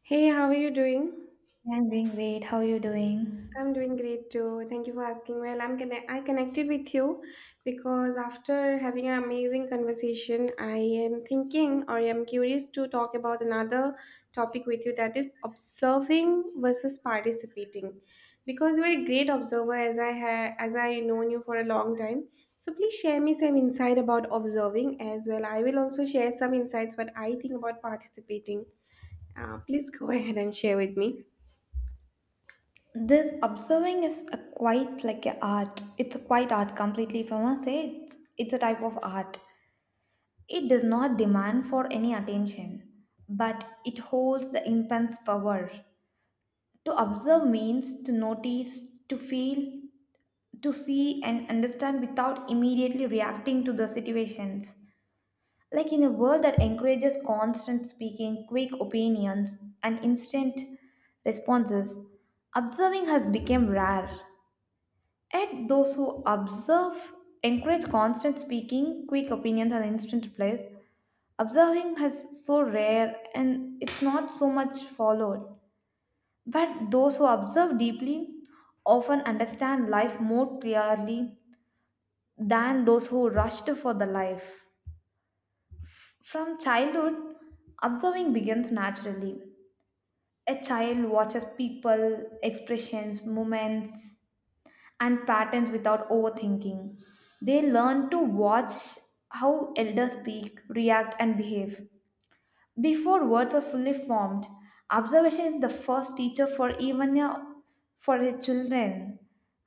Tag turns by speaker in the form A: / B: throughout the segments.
A: Hey, how are you doing?
B: I'm doing great. How are you doing?
A: I'm doing great too. Thank you for asking. Well, I connected with you because after having an amazing conversation, I am thinking or I'm curious to talk about another topic with you that is observing versus participating. Because you are a great observer as I have as I known you for a long time. So please share me some insight about observing as well. I will also share some insights what I think about participating. Please go ahead and share with me.
B: This observing is a quite like a art. It's a quite art completely. If I want to say, it's a type of art. It does not demand for any attention, but it holds the immense power. To observe means to notice, to feel, to see, and understand without immediately reacting to the situations. Like in a world that encourages constant speaking, quick opinions, and instant responses, observing has become rare. Yet those who observe encourage constant speaking, quick opinions, and instant replies. Observing has so rare and it's not so much followed. But those who observe deeply often understand life more clearly than those who rushed for the life. From childhood, observing begins naturally. A child watches people, expressions, movements, and patterns without overthinking. They learn to watch how elders speak, react, and behave. Before words are fully formed, observation is the first teacher for for a children.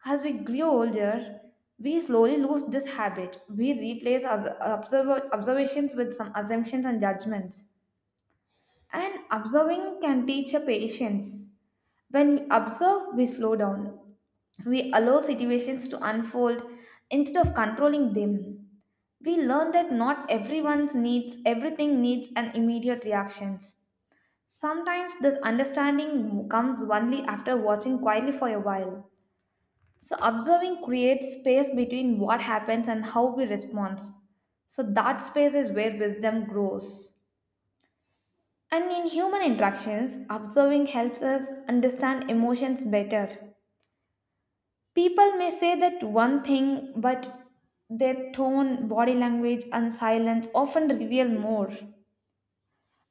B: As we grow older, we slowly lose this habit. We replace observer, observations with some assumptions and judgments. And observing can teach a patience. When we observe, we slow down. We allow situations to unfold instead of controlling them. We learn that not everything needs an immediate reactions. Sometimes this understanding comes only after watching quietly for a while. So observing creates space between what happens and how we respond. So that space is where wisdom grows. And in human interactions, observing helps us understand emotions better. People may say that one thing, but their tone, body language, and silence often reveal more.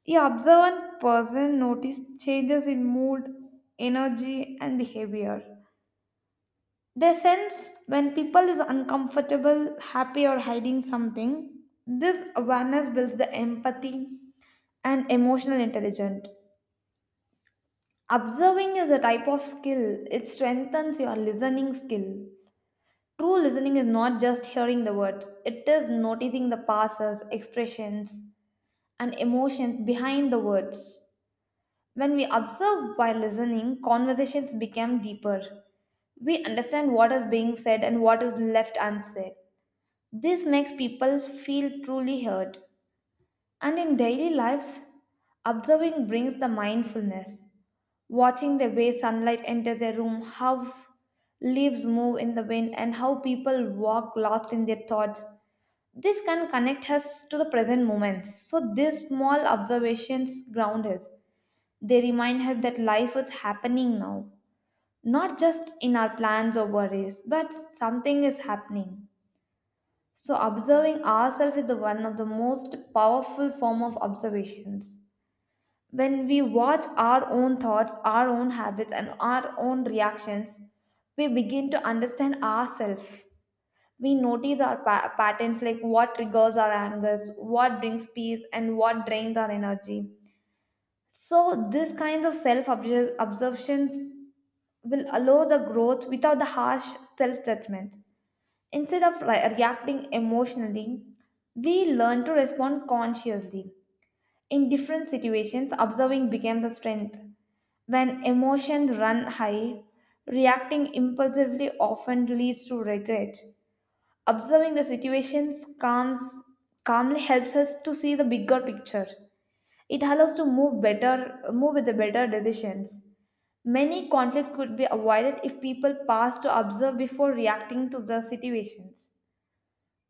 B: The observant person notices changes in mood, energy, and behavior. They sense when people is uncomfortable, happy, or hiding something. This awareness builds the empathy and emotional intelligence. Observing is a type of skill. It strengthens your listening skill. True listening is not just hearing the words, it is noticing the pauses, expressions, and emotions behind the words. When we observe while listening, conversations become deeper. We understand what is being said and what is left unsaid. This makes people feel truly heard. And in daily lives, observing brings the mindfulness. Watching the way sunlight enters a room, how leaves move in the wind, and how people walk lost in their thoughts. This can connect us to the present moments. So, these small observations ground us. They remind us that life is happening now, not just in our plans or worries, but something is happening. So, observing ourselves is the one of the most powerful form of observations. When we watch our own thoughts, our own habits, and our own reactions, we begin to understand ourselves. We notice our patterns like what triggers our angers, what brings peace, and what drains our energy. So, this kinds of self observations will allow the growth without the harsh self judgment. Instead of reacting emotionally, we learn to respond consciously. In different situations, observing becomes a strength. When emotions run high, reacting impulsively often leads to regret. Observing the situations calms, calmly helps us to see the bigger picture. It allows to move better, move with the better decisions. Many conflicts could be avoided if people pause to observe before reacting to the situations.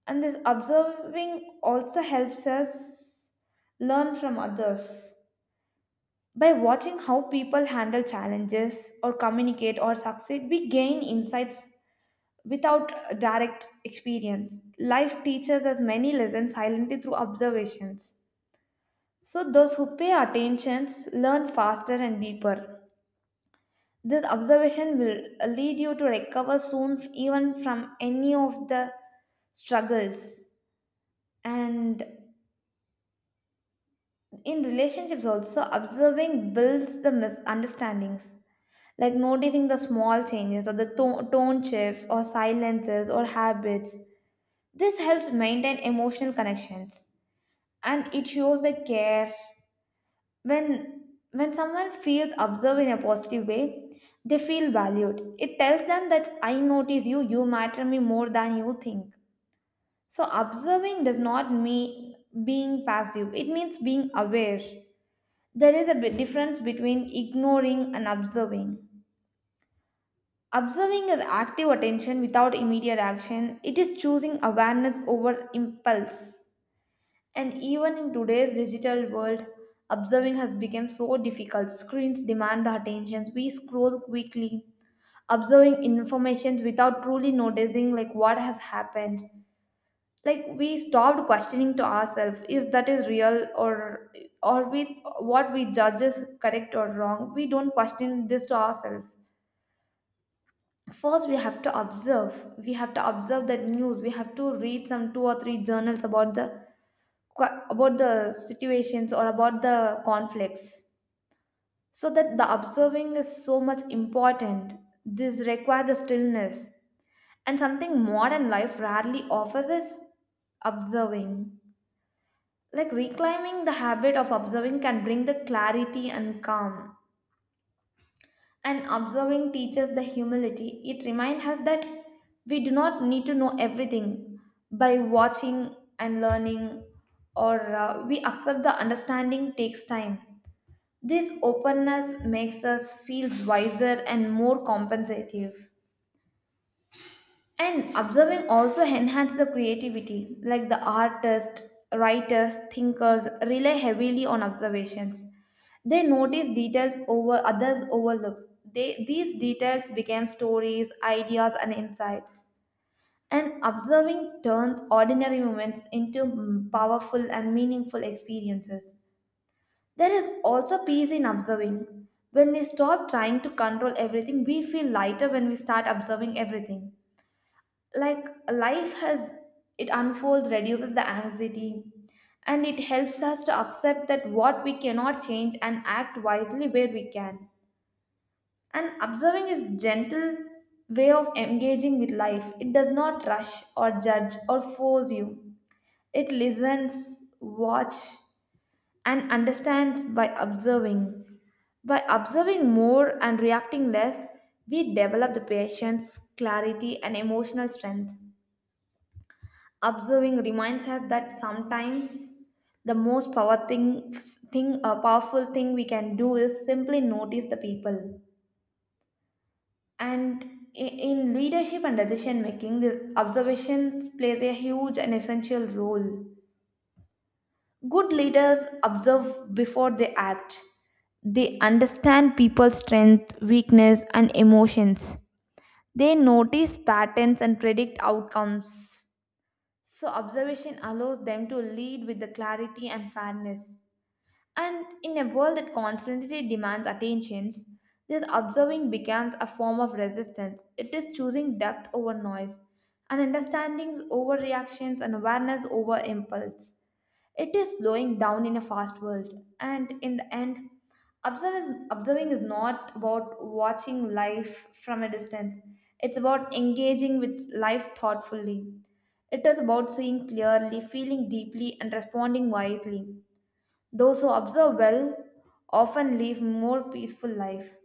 B: And this observing also helps us learn from others. By watching how people handle challenges or communicate or succeed, we gain insights without direct experience. Life teaches us many lessons silently through observations. So, those who pay attentions learn faster and deeper. This observation will lead you to recover soon, even from any of the struggles. And in relationships, also, observing builds the misunderstandings, like noticing the small changes or the tone shifts or silences or habits. This helps maintain emotional connections and it shows the care. When when someone feels observed in a positive way, they feel valued. It tells them that I notice you, you matter me more than you think. So observing does not mean being passive. It means being aware. There is a bit difference between ignoring and observing. Observing is active attention without immediate action, it is choosing awareness over impulse. And even in today's digital world, observing has become so difficult. Screens demand the attention, we scroll quickly, observing information without truly noticing like what has happened, like we stopped questioning to ourselves is that is real, or with what we judge is correct or wrong, we don't question this to ourselves. First we have to observe, we have to observe that news, we have to read some two or three journals about the situations or about the conflicts, so that the observing is so much important. This requires the stillness, and something modern life rarely offers is observing. Like reclaiming the habit of observing can bring the clarity and calm. And observing teaches the humility. It reminds us that we do not need to know everything. By watching and learning, or we accept the understanding takes time. This openness makes us feel wiser and more compensative. And observing also enhances the creativity, like the artists, writers, thinkers rely heavily on observations. They notice details over others overlook. These details become stories, ideas, and insights. And observing turns ordinary moments into powerful and meaningful experiences. There is also peace in observing. When we stop trying to control everything, we feel lighter when we start observing everything, like life has, it unfolds, reduces the anxiety, and it helps us to accept that what we cannot change and act wisely where we can. And observing is gentle way of engaging with life. It does not rush or judge or force you. It listens, watch, and understands. By observing by observing more and reacting less, we develop the patience, clarity and emotional strength. Observing reminds us that sometimes the most power thing, thing powerful thing we can do is simply notice the people. And in leadership and decision making, this observation plays a huge and essential role. Good leaders observe before they act. They understand people's strength, weakness and emotions. They notice patterns and predict outcomes. So observation allows them to lead with the clarity and fairness. And in a world that constantly demands attentions, this observing becomes a form of resistance. It is choosing depth over noise, and understandings over reactions, and awareness over impulse. It is slowing down in a fast world, and in the end, observing is not about watching life from a distance. It's about engaging with life thoughtfully. It is about seeing clearly, feeling deeply, and responding wisely. Those who observe well often live more peaceful life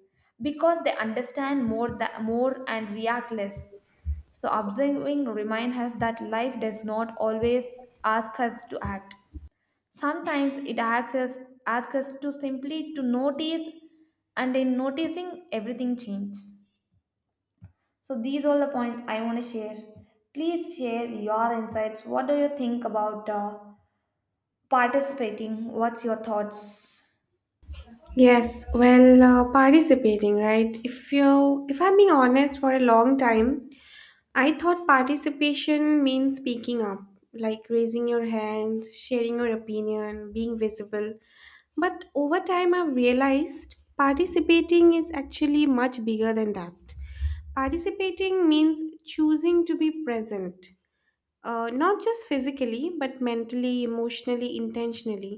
B: because they understand more that more and react less. So observing reminds us that life does not always ask us to act. Sometimes it asks us to simply to notice, and in noticing everything changes. So these all the points I want to share. Please share your insights. What do you think about participating? What's your thoughts?
A: Yes, well, participating, right? If I'm being honest, for a long time, I thought participation means speaking up, like raising your hands, sharing your opinion, being visible. But over time, I've realized participating is actually much bigger than that. Participating means choosing to be present, not just physically but mentally, emotionally, intentionally.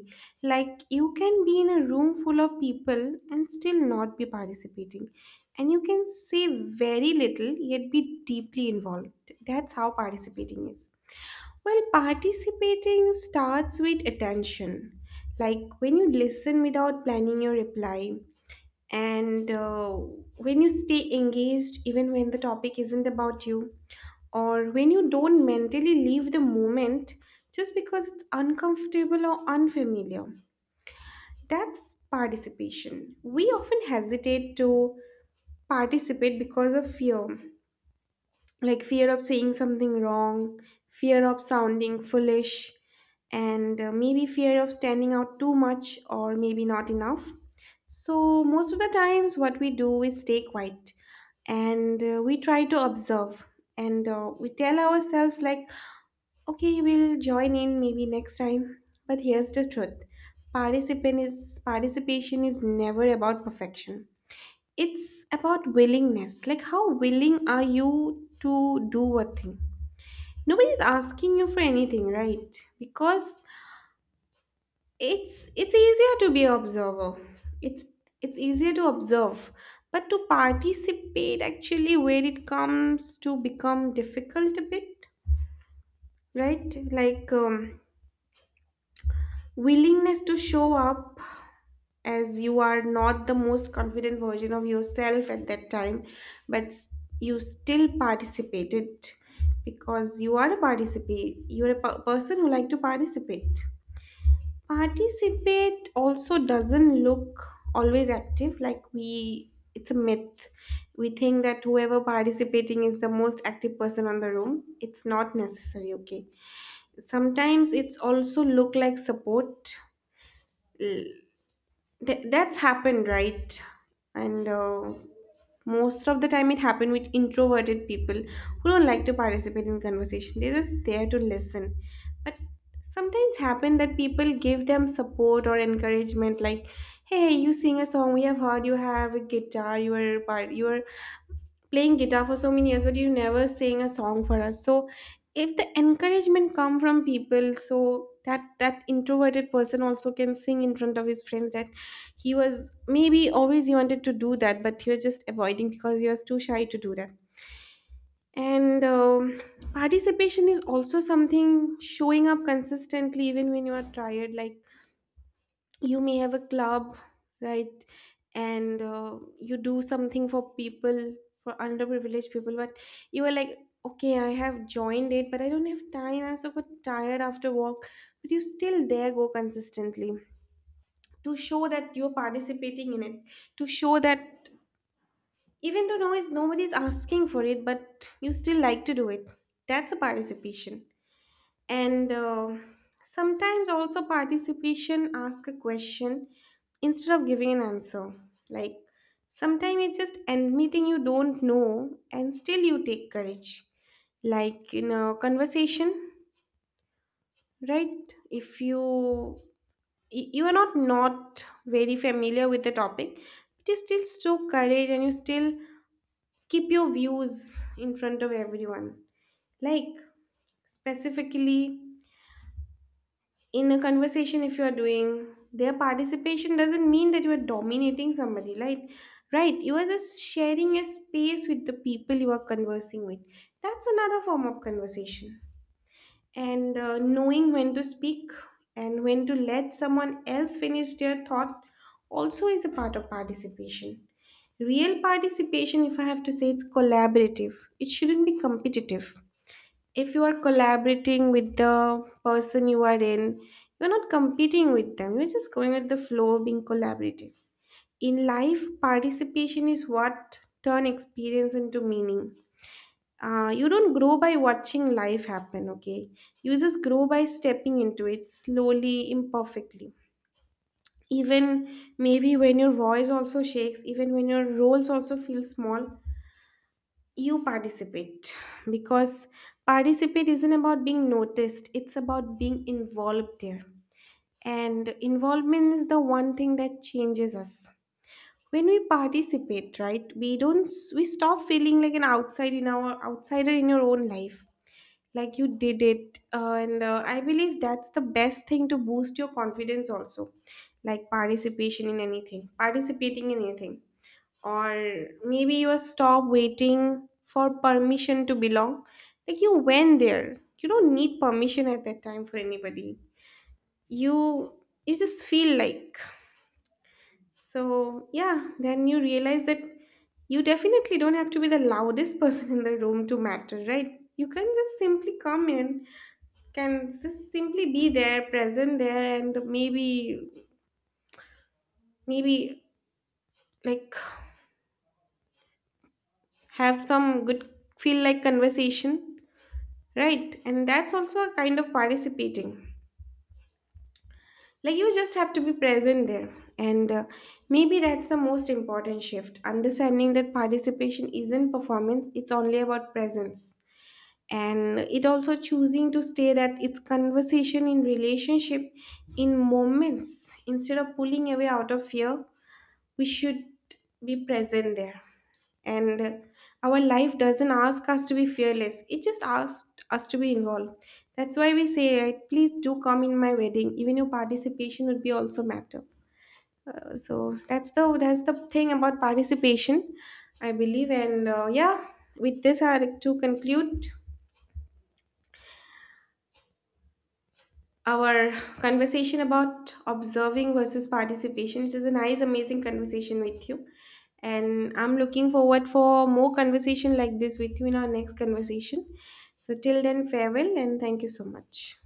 A: Like you can be in a room full of people and still not be participating, and you can say very little yet be deeply involved. That's how participating is. Well, participating starts with attention. Like when you listen without planning your reply, and when you stay engaged even when the topic isn't about you, or when you don't mentally leave the moment just because it's uncomfortable or unfamiliar. That's participation. We often hesitate to participate because of fear, like fear of saying something wrong, fear of sounding foolish, and maybe fear of standing out too much or maybe not enough. So, most of the times, what we do is stay quiet, and we try to observe, and we tell ourselves, like, okay, we'll join in maybe next time. But here's the truth. Participant is participation is never about perfection. It's about willingness. Like how willing are you to do a thing? Nobody's asking you for anything, right? Because it's easier to be observer. It's it's easier to observe. But to participate actually where it comes to become difficult a bit, right? Like willingness to show up as you are, not the most confident version of yourself at that time, but you still participated because you are a participate, you're a person who like to participate. Participate also doesn't look always active. Like we, it's a myth, we think that whoever participating is the most active person on the room. It's not necessary, okay? Sometimes it's also look like support. That's happened, right? And most of the time, it happened with introverted people who don't like to participate in conversation. They're just there to listen. But sometimes happen that people give them support or encouragement, like, "Hey, you sing a song we have heard. You have a guitar. You are part. You are playing guitar for so many years but you never sang a song for us." So if the encouragement come from people, so that that introverted person also can sing in front of his friends, that he was maybe always he wanted to do that, but he was just avoiding because he was too shy to do that. And participation is also something showing up consistently even when you are tired. Like you may have a club, right? And you do something for people, for underprivileged people, but you are like, okay, I have joined it but I don't have time, I'm so tired after work. But you still there, go consistently, to show that you're participating in it, to show that even though no is nobody's asking for it, but you still like to do it. That's a participation. And sometimes also participation ask a question instead of giving an answer. Like sometimes it's just admitting you don't know and still you take courage. Like in a conversation, right? If you, you are not, not very familiar with the topic, but you still show courage and you still keep your views in front of everyone. Like specifically in a conversation, if you are doing their participation, doesn't mean that you are dominating somebody, right? Right, you are just sharing a space with the people you are conversing with. That's another form of conversation. And knowing when to speak and when to let someone else finish their thought also is a part of participation. Real participation, if I have to say, it's collaborative. It shouldn't be competitive. If you are collaborating with the person you are in, you're not competing with them, you're just going with the flow, being collaborative. In life, participation is what turn experience into meaning. You don't grow by watching life happen, okay? You just grow by stepping into it slowly, imperfectly. Even maybe when your voice also shakes, even when your roles also feel small, you participate, because participate isn't about being noticed, it's about being involved there. And involvement is the one thing that changes us. When we participate, right, we don't we stop feeling like an outsider in your own life. Like you did it, and I believe that's the best thing to boost your confidence. Also, like participation in anything, participating in anything, or maybe you stop waiting for permission to belong. Like you went there, you don't need permission at that time for anybody. you you just feel like, so yeah, then you realize that you definitely don't have to be the loudest person in the room to matter, right? You can just simply come in, can just simply be there, present there, and maybe like have some good feel like conversation. Right, and that's also a kind of participating. Like you just have to be present there. And maybe that's the most important shift, understanding that participation isn't performance, it's only about presence. And it also choosing to stay, that it's conversation in relationship, in moments instead of pulling away out of fear, we should be present there. And our life doesn't ask us to be fearless, it just asks us to be involved. That's why we say, right, please do come in my wedding, even your participation would be also matter. So that's the thing about participation, I believe. And yeah, with this I like to conclude our conversation about observing versus participation. It is a nice, amazing conversation with you. And I'm looking forward for more conversation like this with you in our next conversation. So till then, farewell and thank you so much.